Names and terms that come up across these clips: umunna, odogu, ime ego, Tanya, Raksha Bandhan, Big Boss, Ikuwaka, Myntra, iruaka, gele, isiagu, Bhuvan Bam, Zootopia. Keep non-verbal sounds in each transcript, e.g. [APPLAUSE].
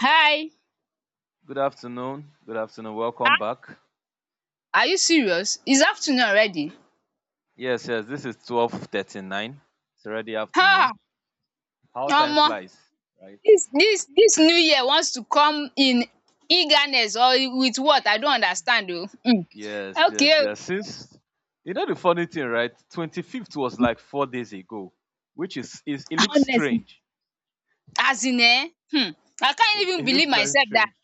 Hi. Good afternoon. Good afternoon. Welcome ah back. are you serious? It's afternoon already. Yes, yes. This is 12:39. It's already afternoon. Ah, How time Omo, flies, right? dis new year wants to come in eagerness or with what I don't understand oo. Yes, Okay yes, oo. yes. Since the funny thing, right? 25th was like 4 days ago, which is it looks Honestly, strange. as in I can't It, even it looks believe very myself dat strange.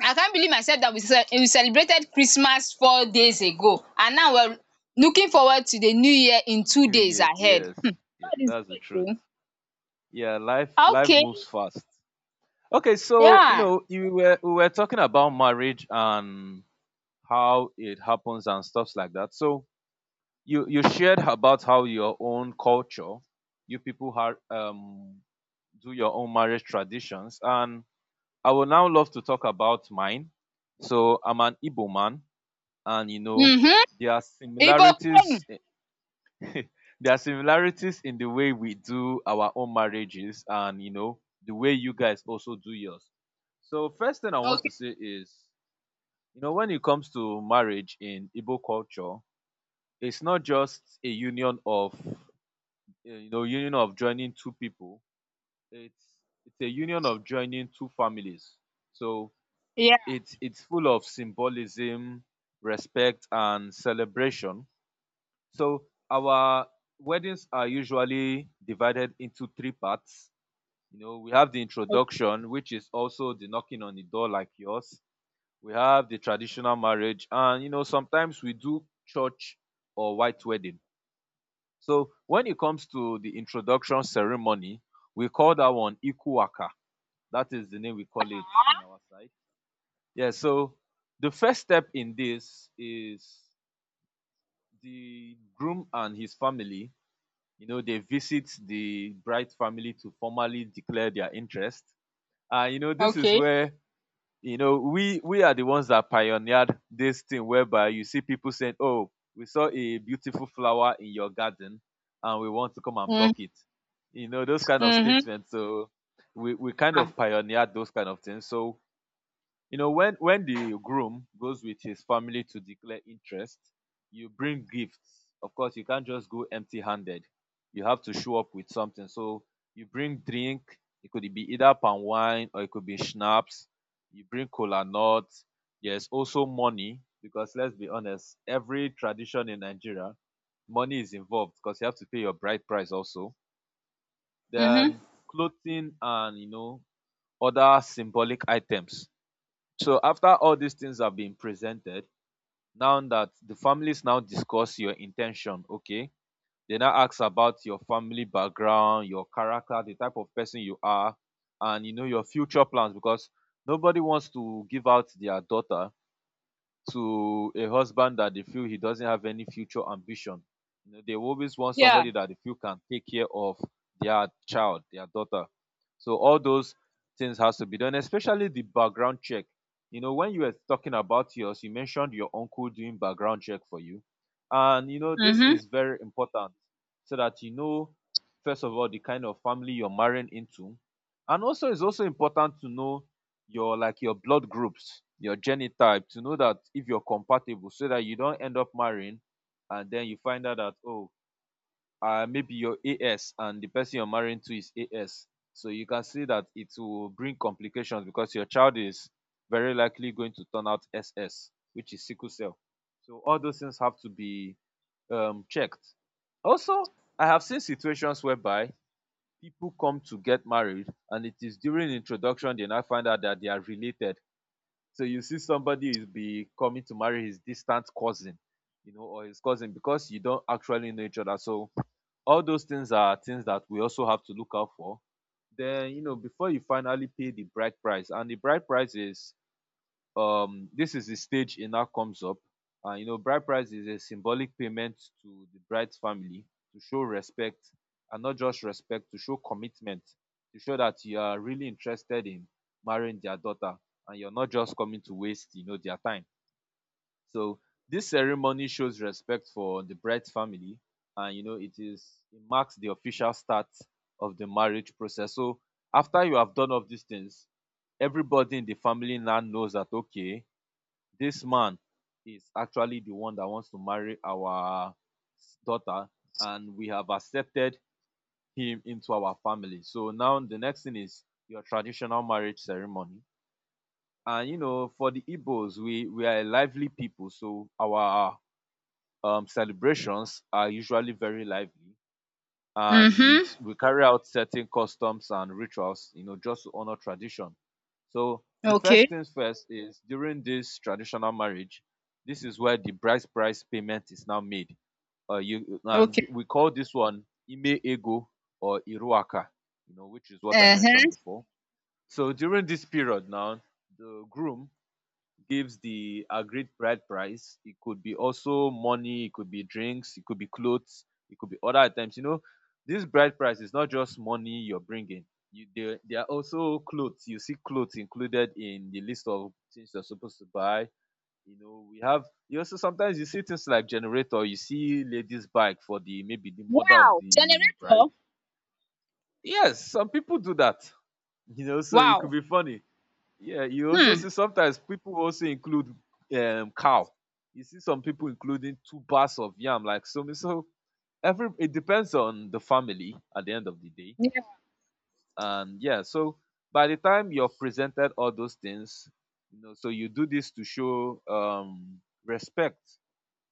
I can't believe myself dat we celebrated Christmas 4 days ago, and now we are looking forward to the new year in two New days Year. ahead. Yes, yeah. God is That's the great truth. oo. Yeah, life Okay, moves fast. Okay, so you yeah. know you were we were talking about marriage and how it happens and stuffs like that. So you shared about how your own culture you people have do your own marriage traditions, and I would now love to talk about mine. So I'm an Igbo man, and you know um there are Igbo queen. similarities [LAUGHS] there are similarities in the way we do our own marriages, and you know the way you guys also do yours. So first thing I want to Okay, say is, you know, when it comes to marriage in Igbo culture, it's not just a union of union of joining two people. it's it's a union of joining two families. So yeah. it's full of symbolism, respect and celebration. So our weddings are usually divided into three parts. You know, we have the introduction, which is also the knocking on the door like yours. We have the traditional marriage, and you know sometimes we do church or white wedding. So when it comes to the introduction ceremony, we call that one Ikuwaka. That is the name we call it in our side. Yeah, so the first step in this is the groom and his family, you know, they visit the bride family to formally declare their interest. And you know, this is Okay. where we are the ones that pioneered this thing, whereby you see people saying, oh, we saw a beautiful flower in your garden and we want to come and Mm, pluck it, you know, those kind of mhm. statements. So we kind Ah. of pioneered those kind of things. So you know, when the groom goes with his family to declare interest, you bring gifts. Of course you can't just go empty handed, you have to show up with something. So you bring drink, it could be either palm wine or it could be schnapps. You bring cola nuts. There's also money because let's be honest, every tradition in Nigeria, money is involved, because you have to pay your bride price. Also Mhm. then clothing, and you know other symbolic items. So after all these things have been presented, now that the families now discuss your intention, okay, they now ask about your family background, your character, the type of person you are, and you know your future plans, because nobody wants to give out their daughter to a husband that they feel he doesn't have any future ambition. You know, they always want Yeah. somebody that they feel can take care of their child, their daughter. So all those things has to be done, especially the background check. You know, when you were talking about yours, you mentioned your uncle doing background check for you. And you know, this Mhm. is very important, so that you know first of all the kind of family you're marrying into. And also it's also important to know your, like your blood groups, your genotype, to know that if you're compatible, so that you don't end up marrying and then you find out that, oh, maybe you're AS and the person you're marrying to is AS. So you can see that it will bring complications, because your child is very likely going to turn out SS, which is sickle cell. So all those things have to be checked. Also, I have seen situations whereby people come to get married and it is during introduction then I find out that they are related. So you see somebody is becoming to marry his distant cousin, you know, or his cousin, because you don't actually know each other. So all those things are things that we also have to look out for. Then, you know, before you finally pay the bride price, and the bride price is this is the stage e now comes up. And you know, bride price is a symbolic payment to the bride's family to show respect, and not just respect, to show commitment, to show that you are really interested in marrying their daughter and you're not just coming to waste, you know, their time. So this ceremony shows respect for the bride's family, and you know it is, it marks the official start of the marriage process. So after you have done all of these things, everybody in the family now knows that okay, this man is actually the one that wants to marry our daughter, and we have accepted him into our family. So now the next thing is your traditional marriage ceremony. And you know, for the Igbos, we are a lively people, so our celebrations are usually very lively, and Mhm. We carry out certain customs and rituals, you know, just to honor tradition. So the Okay. first things first is during this traditional marriage, this is where the bride's price payment is now made. You and Okay. We call this one ime ego or iruaka, you know, which is what I mentioned Uh-huh. before. So during this period now, the groom gives the agreed bride price. It could be also money, it could be drinks, it could be clothes, it could be other items. You know, this bride price is not just money you're bringing. There are also clothes. You see clothes included in the list of things you're supposed to buy. You know, we have, you also sometimes you see things like generator. You see ladies' bike for the maybe the mother of Wow. the bride. Generator. Yes, some people do that. [LAUGHS] You know, so it could Wow. be funny. Yeah, you also Hmm. see sometimes people also include cow. You see some people including two bars of yam, like so. So every, it depends on the family at the end of the day, Yeah. and yeah. So by the time you've presented all those things, you know, so you do this to show respect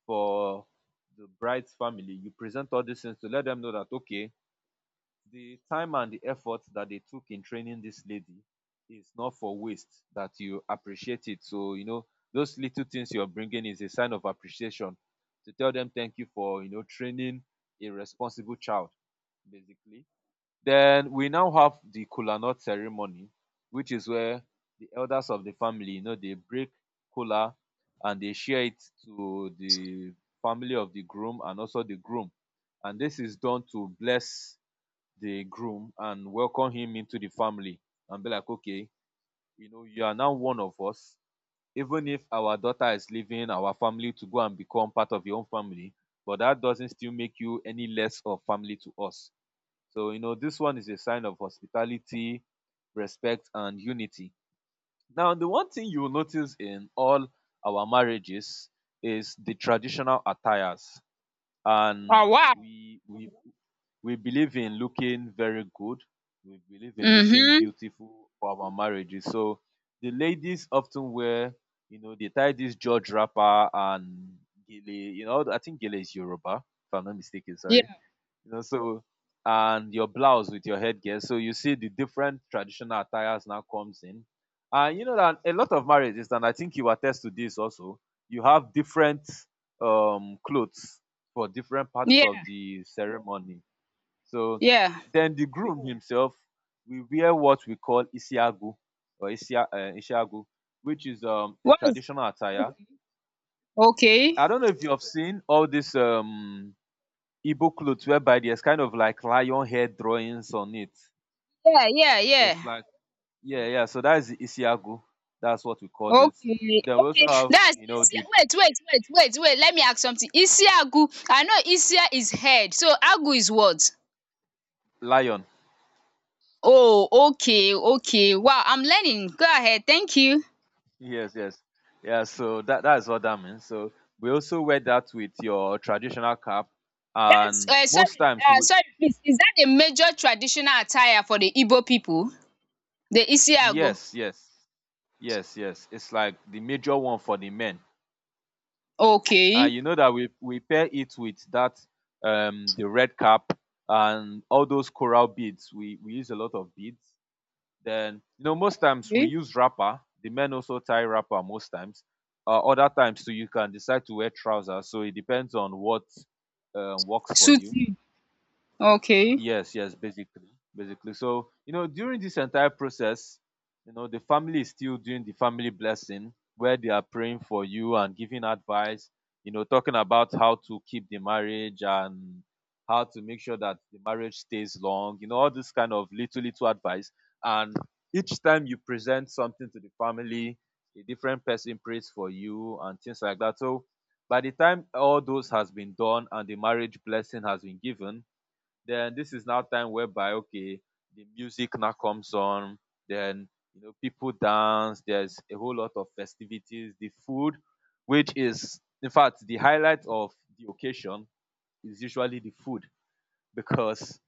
for the bride's family. You present all these things to let them know that okay, the time and the effort that they took in training this lady is not for waste, that you appreciate it. So you know, those little things you're bringing is a sign of appreciation, to tell them thank you for, you know, training a responsible child, basically. Then we now have the kola nut ceremony, which is where the elders of the family, you know, they break kola and they share it to the family of the groom and also the groom. And this is done to bless the groom and welcome him into the family, and be like, okay, you know, you are now one of us. Even if our daughter is leaving our family to go and become part of your own family, but that doesn't still make you any less of family to us. So, you know, this one is a sign of hospitality, respect, and unity. Now, the one thing you will notice in all our marriages is the traditional attires. And Oh, wow. we we we believe in looking very good. We believe in looking Mhm. beautiful for our marriages. So the ladies often wear, you know, they tie this George wrapper and gele. You know, I think gele is Yoruba, if I'm not mistaken. Sorry, Yeah. you know, so and your blouse with your headgear. So you see the different traditional attires now comes in, and you know that a lot of marriages, and I think you attest to this also. You have different clothes for different parts Yeah. of the ceremony. So Yeah. then the groom himself will wear what we call isiagu, or isiagu, which is a What is traditional attire. okay? Okay. I don't know if you have seen all this Igbo clothes, whereby there's kind of like lion hair drawings on it. Yeah. Yeah. Yeah. It's like, yeah, yeah. So that is the isiagu. That's what we call this. Okay. Then we also Okay. have, That's you know, Isia. the Wait. Wait. Wait. Wait. Wait. Let me ask something. Isiagu. I know Isia is head. So Agu is what? lion. Oh. Okay. Okay. Wow. I'm learning. Go ahead. Thank you. Yes, yes, yeah. So that that is what that means. So we also wear that with your traditional cap, That's and most sorry, times we, sorry, please. Is that a major traditional attire for the Igbo people? The Isiagu. yes, yes, yes, yes, it's like the major one for the men. Okay. You know that we pair it with that the red cap and all those coral beads. We use a lot of beads. Then you know most times we Okay. use wrapper. The men also tie wrapper most times. Other times too, you can decide to wear trousers. So it depends on what works for Suit you. you. Okay. Yes, yes, basically, basically. So, you know, during this entire process, you know, the family is still doing the family blessing where they are praying for you and giving advice. You know, talking about how to keep the marriage and how to make sure that the marriage stays long. You know, all this kind of little advice. And each time you present something to the family, a different person prays for you and things like that. So by the time all those has been done and the marriage blessing has been given, then this is now time whereby, okay, the music now comes on, then, you know, people dance, there's a whole lot of festivities, the food, which is in fact the highlight of the occasion, is usually the food because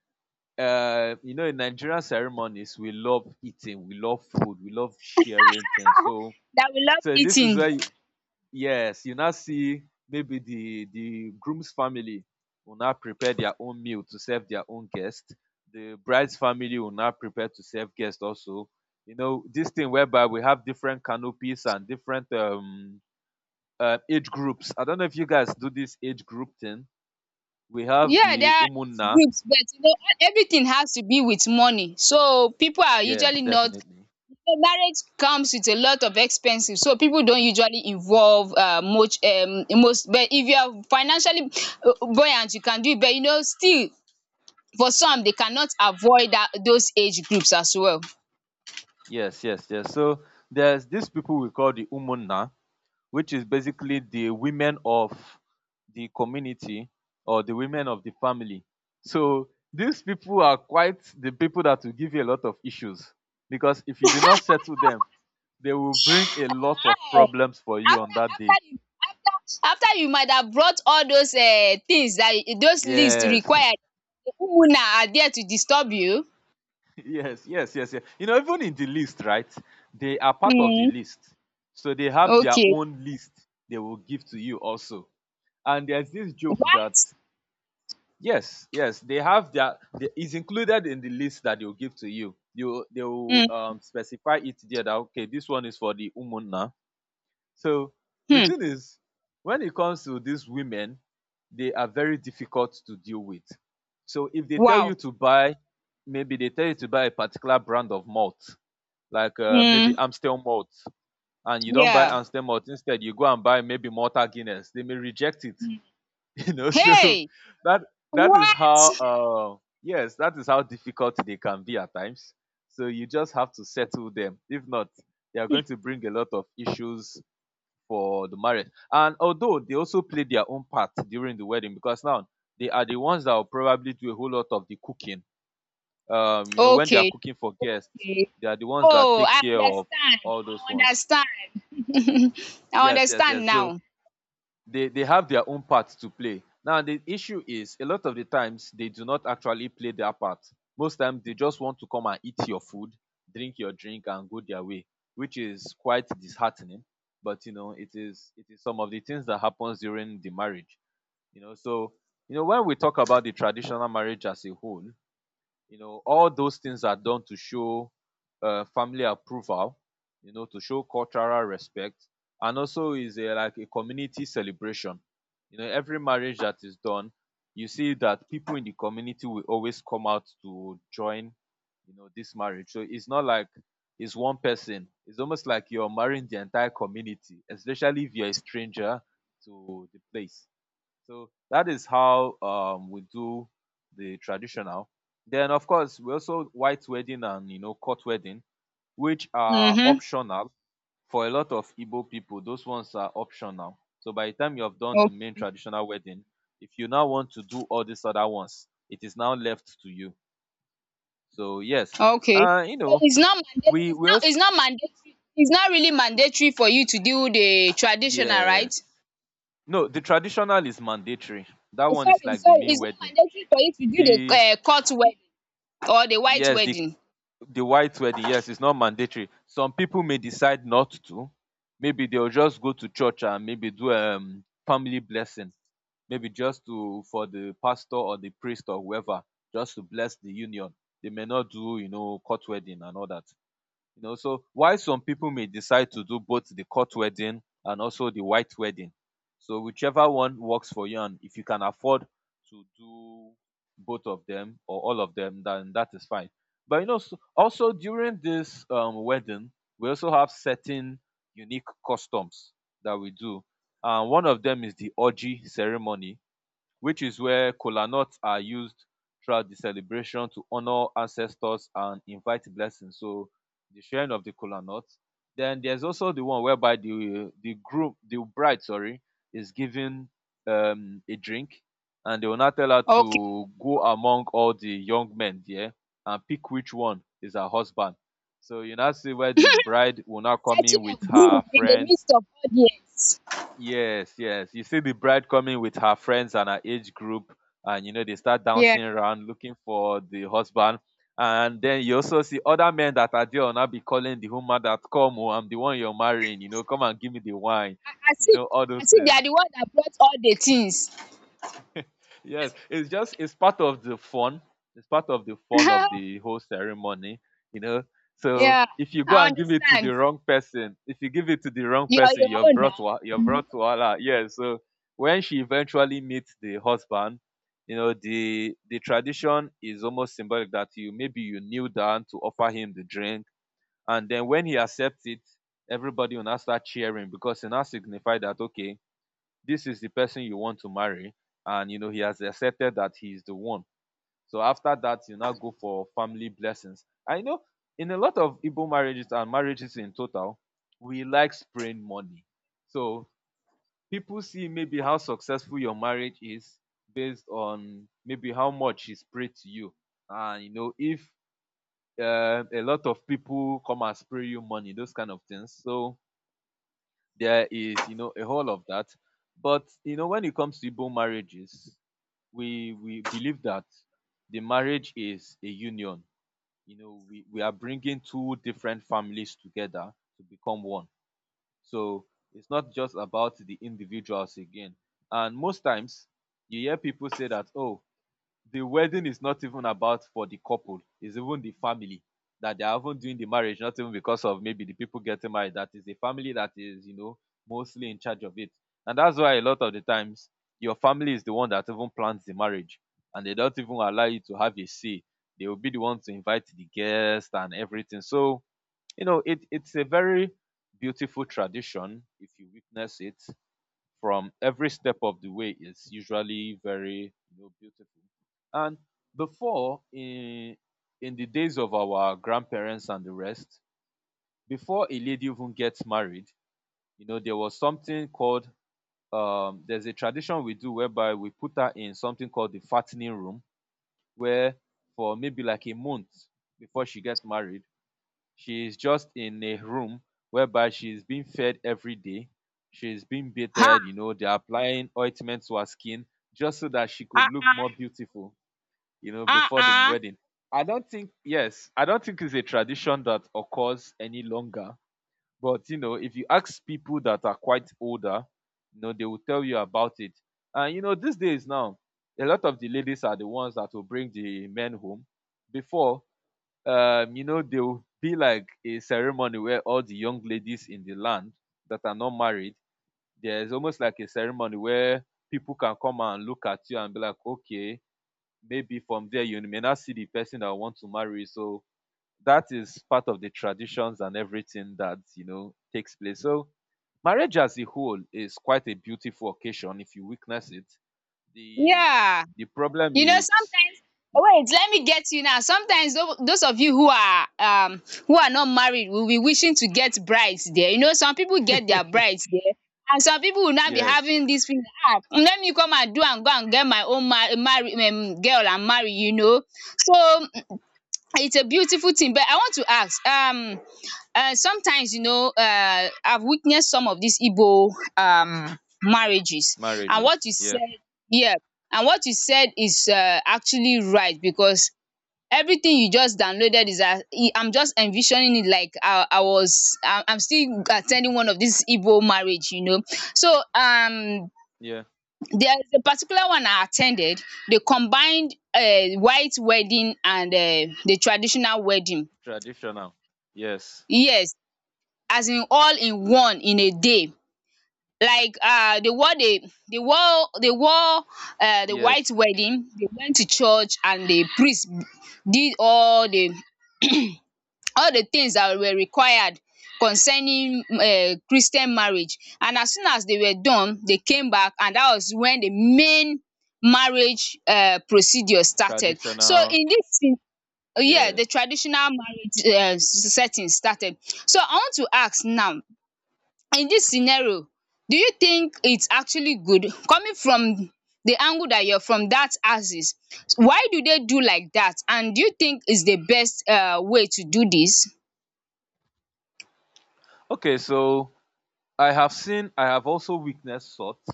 you know, in Nigerian ceremonies we love eating, we love food, we love sharing things. So That we love this is eating. where yes, you now see maybe the groom's family will now prepare their own meal to serve their own guest. The bride's family will now prepare to serve guests also. You know, this thing whereby we have different canopies and different age groups. I don't know if you guys do this age group thing. We have Yeah, there the are those umunna. groups, but you know, e, everything has to be with money. So people are Yes, usually not. definitely. You marriage comes with a lot of expenses, so people don't usually involve much. Most, but if you are financially buoyant, you can do it. But you know, still, for some they cannot avoid that those age groups as well. Yes, yes, yes. So there's these people we call the umunna, which is basically the women of the community or the women of the family. So these people are quite the people that will give you a lot of issues because if you do not settle them, they will bring a lot of um problems for you After on that day. after you after after you might have brought all those things that y- those list Yes, required, who now are there to disturb you? [LAUGHS] yes, yes, yes, yes. You know, even in the list, right? They are part of the um list. So they have their okay. own list they will give to you also. And there's this joke that What? yes, yes, they have their. The, it's included in the list that they'll give to you. You they will Hmm. Specify it there that, okay, this one is for the umuna. So the um thing is, when it comes to these women, they are very difficult to deal with. So if they tell you wow. to buy, maybe they tell you to buy a particular brand of malt, like maybe Hmm. Amstel malt, and you don't buy Yeah. Amstel malt. Instead, you go and buy maybe Malta Guinness. They may reject it. um [LAUGHS] You know, so Hey. that is What? how yes, that is how difficult they can be at times. So you just have to settle them, if not they are going to bring a lot of issues for the marriage. And although they also play their own part during the wedding, because now they are the ones that will probably do a whole lot of the cooking, um, you know, when they are Okay. cooking for guests, Okay. they are the ones that Oh, take I care of understand. all I those ones. understand. [LAUGHS] I Yes, yes, understand yes. So now. they have their own part to play. Now the issue is a lot of the times they do not actually play their part. Most times they just want to come and eat your food, drink your drink, and go their way, which is quite disheartening. But you know, it is, some of the things that happens during the marriage, you know. So, you know, when we talk about the traditional marriage as a whole, you know, all those things are done to show family approval, you know, to show cultural respect, and also is a, like a community celebration. You know, every marriage that is done, you see that people in the community will always come out to join, you know, this marriage. So it's not like it's one person. It's almost like you're marrying the entire community, especially if you're a stranger to the place. So that is how we do the traditional. Then of course we also white wedding, and you know, court wedding, which are optional for a lot of Igbo people. Those ones are optional. So by the time you have done the um main traditional wedding, if you now want to do all these other ones, it is now left to you. So yes, Okay. You So know, it's not mandate we we it's also, not mandatory it's not really mandatory for you to do the traditional, right? yes, no, the traditional is mandatory. That Eh, one is sorry, like the sorry, main it's not wedding. mandatory for you to do the The court wedding or the white yes, the wedding. White wedding, yes, it's not mandatory. Some people may decide not to. Maybe they'll just go to church and maybe do a family blessing. Maybe just to, for the pastor or the priest or whoever, just to bless the union. They may not do, you know, court wedding and all that. You know, so why some people may decide to do both the court wedding and also the white wedding. So whichever one works for you, and if you can afford to do both of them or all of them, then that is fine. But you know, so also during this wedding, we also have certain unique customs that we do. And one of them is the orgy ceremony, which is where kola nuts are used throughout the celebration to honor ancestors and invite blessings. So the sharing of the kola nuts. Then there's also the one whereby the groom, the bride, sorry, is given a drink, and they will now tell her Okay. to go among all the young men there and pick which one is her husband. So you now see where the bride will now come in Searching a with her groom in the friends. midst of audience. Yes, yes. You see the bride coming with her friends and her age group, and you know, they start Yeah. dancing around looking for the husband. And then you also see other men that are there will now be calling the woman that come, oh, I'm the one you're marrying. You know, come and give me the wine. I You see. know, all I those see they are things. the one that brought all the things. [LAUGHS] Yes, it's just, it's part of the fun, it's part of the fun of [LAUGHS] the whole ceremony, you know. So Yeah. if you go I and give it to the understand. wrong person, if you give it to the wrong You're person, your you've own brought now. wa- you've Mhm. brought wahala, yes. So when she eventually meets the husband, you know, the tradition is almost symbolic that you, maybe you kneel down to offer him the drink, and then when he accepts it, everybody will now start cheering because it now signifies that, okay, this is the person you want to marry, and you know, he has accepted that he is the one. So after that, you now go for family blessings. I know in a lot of Igbo marriages and marriages in total, we like spraying money. So people see maybe how successful your marriage is based on maybe how much is prayed to you. And you know, if a lot of people come and spray you money, those kind of things. So there is, you know, a whole of that. But you know, when it comes to Igbo marriages, we believe that the marriage is a union, you know. We are bringing two different families together to become one. So it's not just about the individuals again. And most times you hear people say that, oh, the wedding is not even about for the couple, it's even the family that they are even doing the marriage, not even because of maybe the people getting married. That is the family that is, you know, mostly in charge of it. And that's why a lot of the times your family is the one that even plans the marriage, and they don't even allow you to have a say. They will be the one to invite the guests and everything. So you know, it's a very beautiful tradition. If you witness it from every step of the way, is usually very, you know, beautiful. And before, in the days of our grandparents and the rest, before a lady even gets married, you know, there was something called, there's a tradition we do whereby we put her in something called the fattening room, where for maybe like a month before she gets married, she is just in a room whereby she is being fed every day. She is being Ha. bathed, you know, they're applying ointment to her skin just so that she could look Ha. more beautiful, you know, Ah, before the ah. wedding. I don't think, yes, I don't think it's a tradition that occurs any longer. But you know, if you ask people that are quite older, you know, they will tell you about it. And you know, these days now, a lot of the ladies are the ones that will bring the men home. Before, you know, there will be like a ceremony where all the young ladies in the land that are not married, there's almost like a ceremony where people can come and look at you and be like, okay, maybe from there you may not see the person that I want to marry. So that is part of the traditions and everything that, you know, takes place. So marriage as a whole is quite a beautiful occasion if you witness it. the Yeah. the problem You know, is sometimes wait, let me get you now. Sometimes tho- those of you who are not married will be wishing to get brides there. You know, some people get their brides there. And some people will now be yes, having this thing. Ah, let me come and do and go and get my own mar- marry, girl and marry, you know. So it's a beautiful thing, but I want to ask sometimes you know I've witnessed some of these Igbo marriages and what marriages, you yeah, said, yeah, and what you said is actually right, because everything you just downloaded is e, I'm just envisioning it like I was I, I'm still attending one of these Igbo marriage, you know. So yeah. there's a particular one I attended. They combined white wedding and the traditional wedding. Traditional. Yes. Yes, as in all in one in a day. Like they wore the they wore the white Yes. wedding, they went to church and the priest did all the [CLEARS THROAT] all the things that were required concerning Christian marriage, and as soon as they were done, they came back, and that was when the main marriage procedure started. So Traditional. in this thing, yeah, the Yes. traditional marriage setting started. So I want to ask now, in this scenario, do you think it's actually good, coming from the angle that you're from, that axis, why do they do like that, and do you think is the best way to do this? Okay, so I have seen, I have also witnessed salt,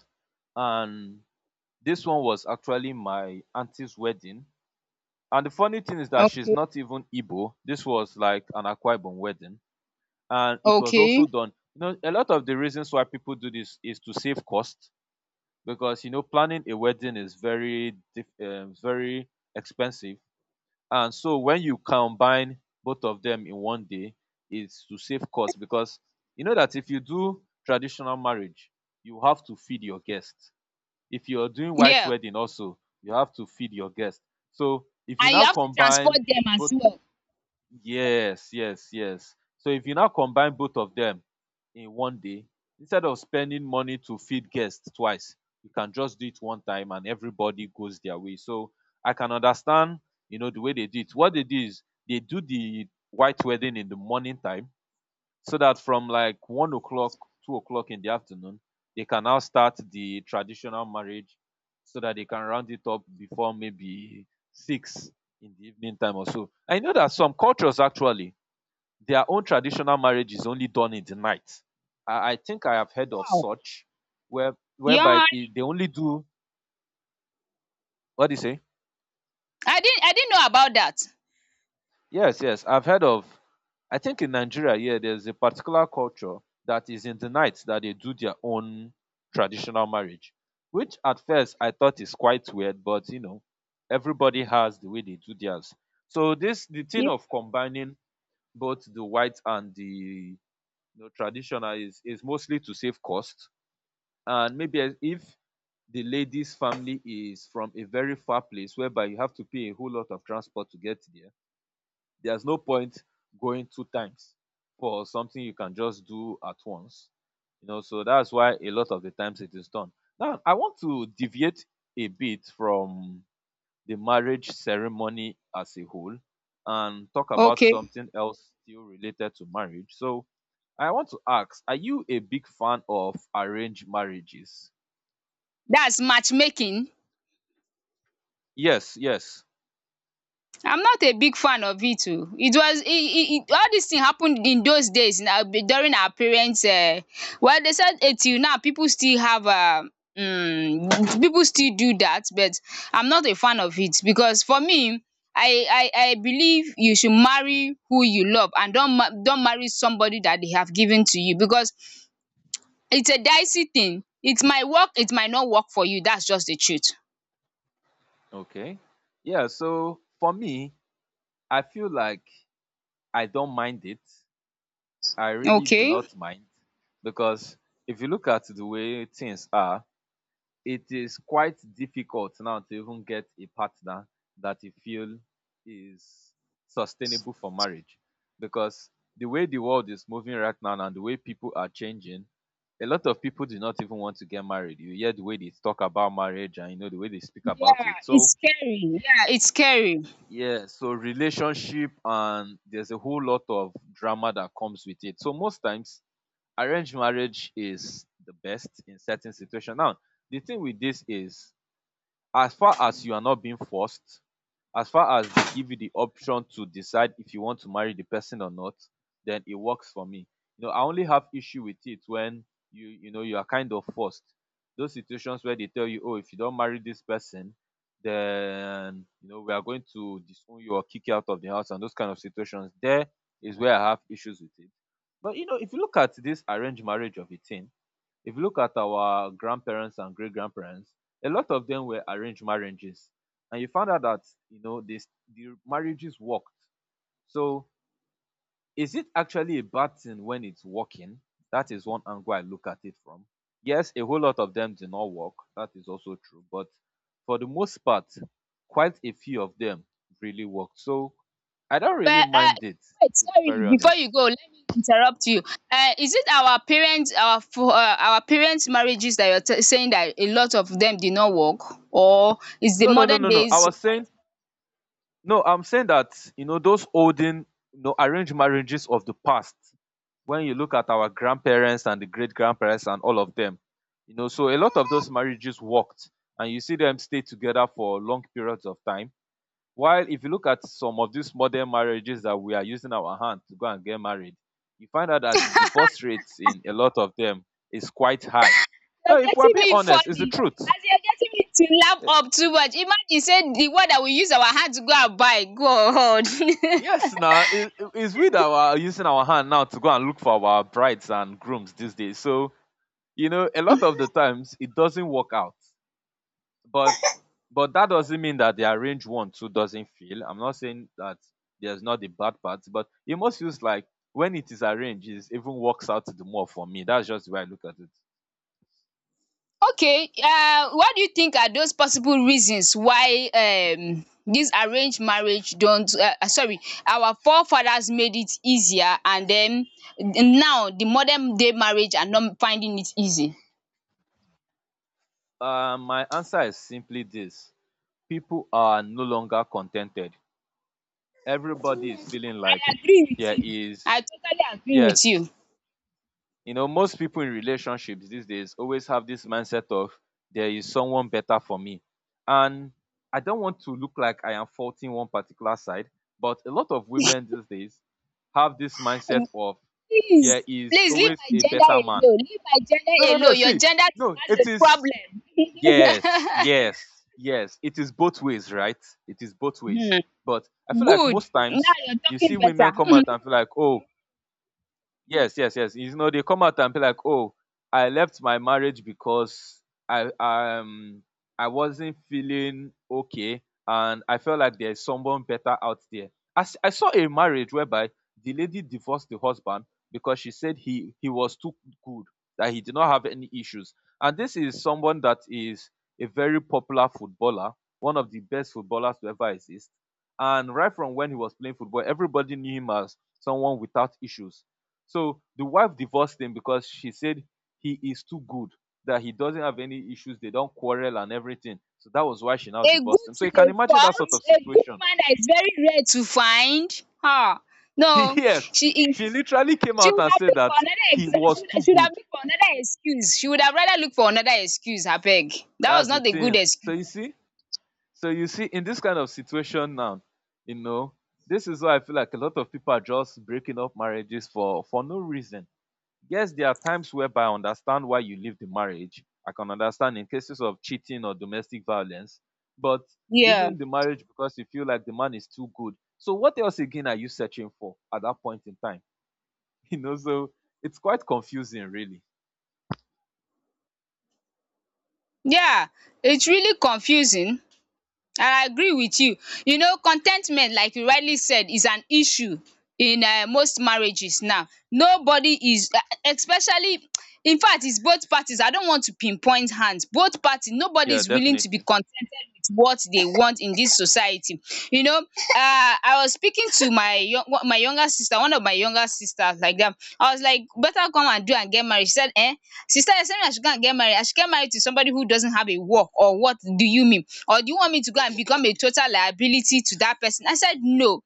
and this one was actually my auntie's wedding. And the funny thing is that she's Okay. not even Igbo. This was like an Akwa Ibom wedding. And it was Okay. also done. You know, a lot of the reasons why people do this is to save cost, because you know planning a wedding is very very expensive. And so when you combine both of them in 1 day, is to save cost, because you know that if you do traditional marriage, you have to feed your guests. If you're doing white Yeah, wedding also, you have to feed your guests. So if you and you now have to transport combine them as both. well. Yes, yes, yes. So if you now combine both of them in 1 day, instead of spending money to feed guests twice, you can just do it one time and everybody goes their way. So I can understand, you know, the way they do it. What they do is they do the white wedding in the morning time, so that from like 1 o'clock, 2 o'clock in the afternoon, they can now start the traditional marriage, so that they can round it up before maybe 6 in the evening time or so. I know that some cultures actually, their own traditional marriage is only done in the night. I think I have heard of Wow. such where, whereby Yeah. It, they only do, what do you say. I didn't I didn't know about that. Yes, yes, I've heard of. I think in Nigeria, yeah, there's a particular culture that is in the night that they do their own traditional marriage, which at first I thought is quite weird, but you know, everybody has the way they do theirs. So this, the thing Yeah. of combining both the white and the, you know, traditional is mostly to save cost, and maybe as- if the lady's family is from a very far place whereby you have to pay a whole lot of transport to get there, there's no point going 2 times for something you can just do at once. You know, so that's why a lot of the times it is done. Now, I want to deviate a bit from the marriage ceremony as a whole and talk about Okay, something else still related to marriage. So, I want to ask, are you a big fan of arranged marriages? that's matchmaking. Yes, yes. I'm not a big fan of it oo. It was e e e all this thing happened in those days na, during our parents. Well, they said till now people still have people still do that, but I'm not a fan of it, because for me, I I believe you should marry who you love, and don't don't marry somebody that they have given to you, because it's a dicey thing. It might work, it might not work for you. That's just the truth. Okay. Yeah, so for me, I feel like I don't mind it, I really do Okay. not mind, because if you look at the way things are, it is quite difficult now to even get a partner that you feel is sustainable for marriage, because the way the world is moving right now and the way people are changing, a lot of people do not even want to get married. You hear the way they talk about marriage and you know the way they speak about it. It's So, scary, yeah, it's scary. yeah, so relationship, and there's a whole lot of drama that comes with it. So most times arranged marriage is the best in certain situations. Now, the thing with this is, as far as you are not being forced, as far as they give you the option to decide if you want to marry the person or not, then it works for me. You know, I only have issue with it when you know you are kind of forced, those situations where they tell you, oh, if you don't marry this person, then you know we are going to disown you or kick you out of the house, and those kind of situations, there is where I have issues with it. But you know, if you look at this arranged marriage of a thing, if you look at our grandparents and great grandparents, a lot of them were arranged marriages, and you found out that, you know, this, the marriages worked. So is it actually a bad thing when it's working? That is one angle I look at it from. Yes, a whole lot of them did not work, that is also true, but for the most part, quite a few of them really worked, so I don't really But mind it, wait, to be sorry, very before you honest. go, let me interrupt you. Is it our parents, our our parents' marriages that you're saying that a lot of them did not work, or is the no no no modern no no I days? was saying, no, I'm saying that you know those olden, you know, arranged marriages of the past. When you look at our grandparents and the great grandparents and all of them, you know, so a lot of those marriages worked, and you see them stay together for long periods of time. While if you look at some of these modern marriages that we are using our hand to go and get married, you find out that the divorce rates in a lot of them is quite high. You're Now, if we're getting being me honest, it's the funny. truth. As you're getting me to laugh up too much. Imagine say the one that we use our hand to go and buy. God. [LAUGHS] Yes, now it's we that are using our hand now to go and look for our brides and grooms these days. So you know, a lot of the times it doesn't work out, but but that doesn't mean that the arranged one too doesn't feel. I'm not saying that there's not the bad parts, but it must feels like when it is arranged, it even works out the more for me. That's just the way I look at it. Okay. What do you think are those possible reasons why dis arranged marriage don't sorry, our forefathers made it easier, and then now the modern day marriage are not finding it easy? My answer is simply this: people are no longer contented. Everybody is feeling like I agree with there you, I is, totally agree with yes. you. You know, most people in relationships these days always have this mindset of there is someone better for me. And I don't want to look like I am faulting one particular side, but a lot of women these days have this mindset of there Please, is please, leave always my a gender better man. alone, leave my gender No, no, no. alone, your See, gender no, it is, too has yes, a yes, yes. It is both ways, right? It is both ways. problem. But [LAUGHS] I feel like Good. most times Nada. you see women come out and feel like, oh, yes, yes, yes. You know, they come out and be like, "Oh, I left my marriage because I um I wasn't feeling okay, and I felt like there's someone better out there." I, I saw a marriage whereby the lady divorced the husband because she said he was too good, that he did not have any issues. And this is someone that is a very popular footballer, one of the best footballers to ever exist. And right from when he was playing football, everybody knew him as someone without issues, so the wife divorced him because she said he is too good, that he doesn't have any issues, they don't quarrel and everything. So that was why she now A divorced good him. So to you can a imagine that sort fault, of a good situation. man, that is very rare to find. Ah, [LAUGHS] no, Yes, she she is. literally came She out would and have said looked for that another he was too she would good. have looked for another excuse. She would have rather looked for another excuse. I beg. That was That's the not a good thing. Excuse. So you see, in this kind of situation now, you know, this is why I feel like a lot of people are just breaking up marriages for no reason. Yes, there are times whereby I understand why you leave the marriage. I can understand in cases of cheating or domestic violence, but Yeah. leaving the marriage because you feel like the man is too good. So what else again are you searching for at that point in time? [LAUGHS] You know, so it's quite confusing really. Yeah. It's really confusing. I agree with you. You know, contentment, like you rightly said, is an issue in most marriages now. Nobody is especially in fact it's both parties. I don't want to pinpoint hands. Both parties, nobody Yeah, is willing to be definitely. contented with what they want in this society. You know, I was speaking to my my younger sister, one of my younger sisters like that. I was like, better come and do and get married. She said, eh? Sister, you're saying I should go and get married? I should get married to somebody who doesn't have a work, or what do you mean? Or do you want me to go and become a total liability to that person? I said, no,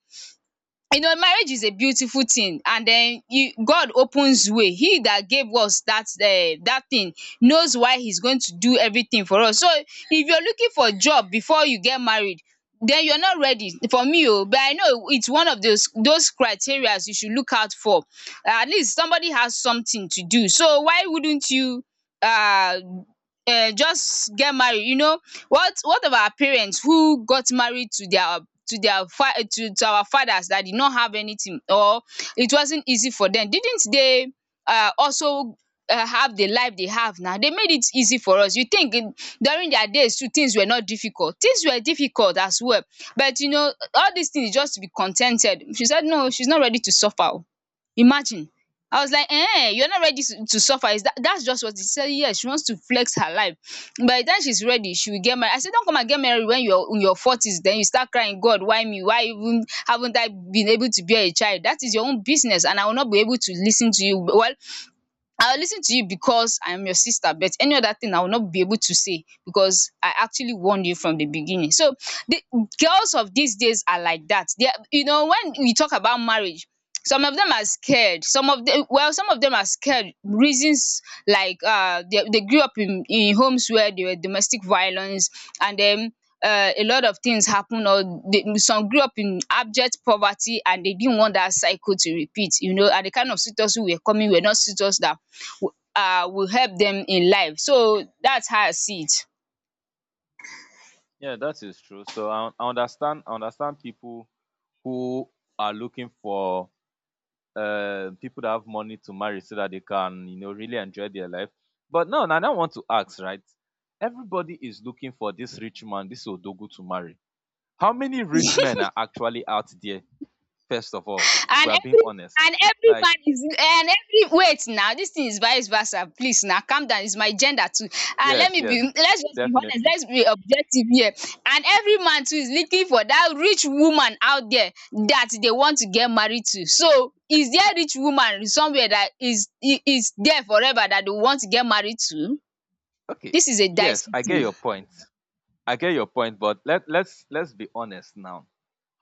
you know marriage is a beautiful thing, and then you god opens way, he that gave us that that thing knows why he's going to do everything for us, so if you're looking for a job before you get married, then you're not ready for me, oh. But I know it's one of those criterias you should look out for. At least somebody has something to do. So why wouldn't you uh just get married, you know? What of our parents who got married to their fa to our fathers that did not have anything, or it wasn't easy for them? Didn't they also have the life they have now? They made it easy for us. You think in- during their days too, things were not difficult? Things were difficult as well. But you know, all these things, just to be contented. She said no, she's not ready to suffer. Imagine. I was like, "Eh, you're not ready to suffer. Is that that's just what?" She said yes, she wants to flex her life. By the time she's ready, she will get married. I said, "Don't come and get married when you're in your forties, then you start crying, God, why me? Why even haven't I been able to bear a child? That is your own business, and I will not be able to listen to you." Well, I will lis ten to you because I am your sister, but any other thing I will not be able to say, because I actually warned you from the beginning. So the girls of these days are like that. They are you know, when we talk about marriage, some of them are scared, some of them well some of them are scared reasons, like they grew up in homes where there were domestic violence, and then a lot of things happen, or they some grew up in abject poverty, and they didn't want that cycle to repeat, you know. And the kind of suitors who were coming were not suitors that will help them in life. So that's how I see it. Yeah, that is true. So I understand, I understand people who are looking for people that have money to marry so that they can, you know, really enjoy their life. But no, now I don't want to ask, right, everybody is looking for this rich man, this odogu, to marry. How many rich men are actually out there, first of all, if we And are being every honest? and every Like, man is and every wait now, this thing is vice versa. Please, now calm down. It's my gender too. And let yes, me be yes, let's just be honest. definitely. Let's be objective here. And every man too is looking for that rich woman out there that they want to get married to. So is there rich woman somewhere that is there forever that they want to get married to? Okay, This is a yes, dicey I get thing. your point. I get your point, but let's be honest now.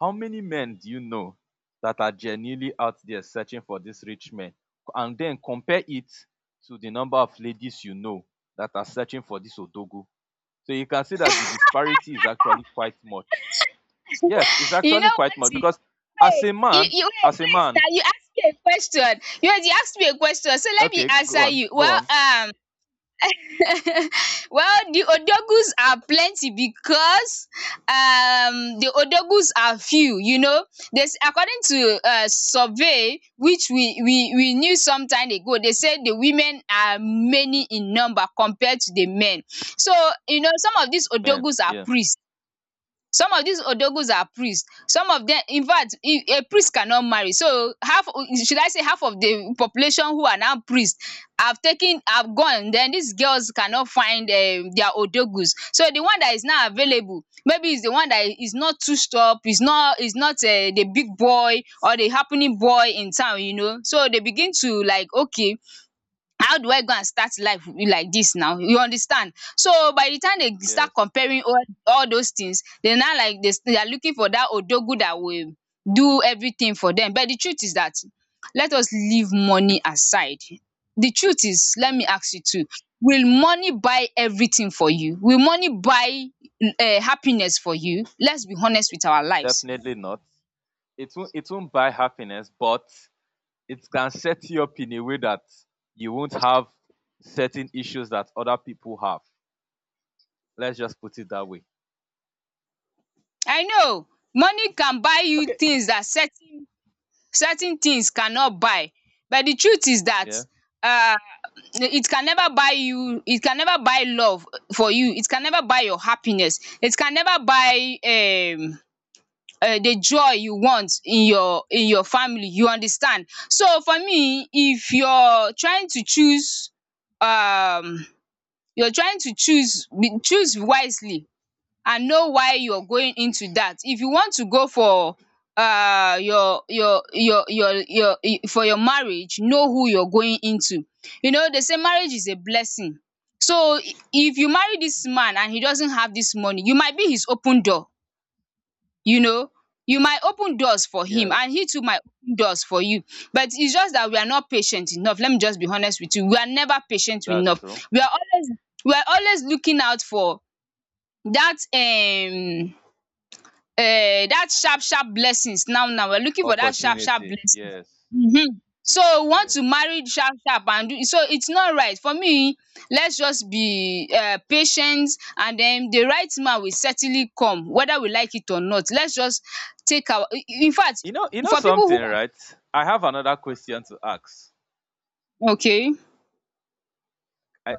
How many men do you know that are genuinely out there searching for these rich men? And then compare it to the number of ladies you know that are searching for this odogu. So you can see that the disparity is actually quite much. Yes, it's You actually know quite what? much See? because as Wait, a man, you wait, as a wait. man, Now you asked me a question. You asked me a question, so let me okay, go answer on, you. go Well, on, [LAUGHS] well, the odogus are plenty, because the odogus are few. You know, there's according to survey which we knew some time ago. They said the women are many in number compared to the men. So you know, some of these man. odogus are Yeah, priests. Some of these odogus are priests. Some of them infact a priest cannot marry, so half should I say half of the population who are now priest have taken have gone, then these girls cannot find their odogus. So the one that is now available maybe is the one that is not too stop is not the big boy or the happening boy in town, you know. So they begin to like, okay, how do I go and start life with- like this now, you understand? So by the time they start yes, comparing all those things, they now like they are looking for dat odogu that will do everything for them. But the truth is that let us leave money aside. The truth is let me yes, ask you too, will money buy everything for you? Will money buy happiness for you? Let's be honest with our lives. definitely not. It won't buy happiness, but it can set you up in a way that you won't have certain issues that other people have. Let's just put it that way. I know money can buy you Okay. things that certain certain things cannot buy, but the truth is that Yeah. um it can never buy you, it can never buy love for you, it can never buy your happiness, it can never buy the joy you want in your family, you understand? So for me, if you're trying to choose um you're trying to choose, choose wisely, and know why you're going into that. If you want to go for for your marriage, know who you're going into. You know they say marriage is a blessing, so if you marry this man and he doesn't have this money, you might be his open door, you know, you might open doors for him, and Yes. he too might open doors for you. But it's just that we are not patient enough, let me just be honest with you, we are never patient That's enough. true. we are always we are always looking out for that that sharp sharp blessings now, now we're looking for that sharp sharp Opportunity. blessing. Yes. Hmm. So we want Yes. to marry sharp sharp and do, so it's not right for me. Let's just be patient, and then the right man will certainly come, whether we like it or not. Let's just take our in fact You know for people who something, right? I have another question to ask. are okay. I,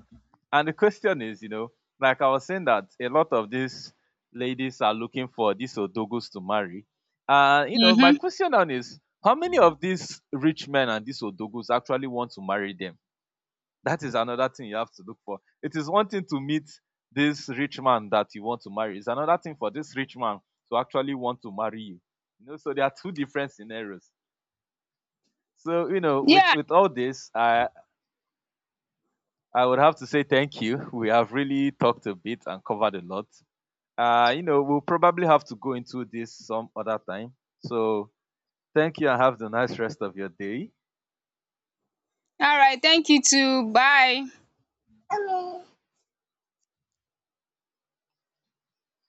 and the question is, you know, like I was saying that a lot of these ladies are looking for these odogos to marry. You know, my Mm-hmm. question now is, how many of these rich men and these odogos actually want to marry them? That is another thing you have to look for. It is one thing to meet this rich man that you want to marry. It's another thing for this rich man to actually want to marry you. You know, so there are two different scenarios. So, you know, Yeah, with all this, I would have to say thank you. We have really talked a bit and covered a lot. You know, we'll probably have to go into this some other time. So, thank you and have the nice rest of your day. all right, thank you too, bye.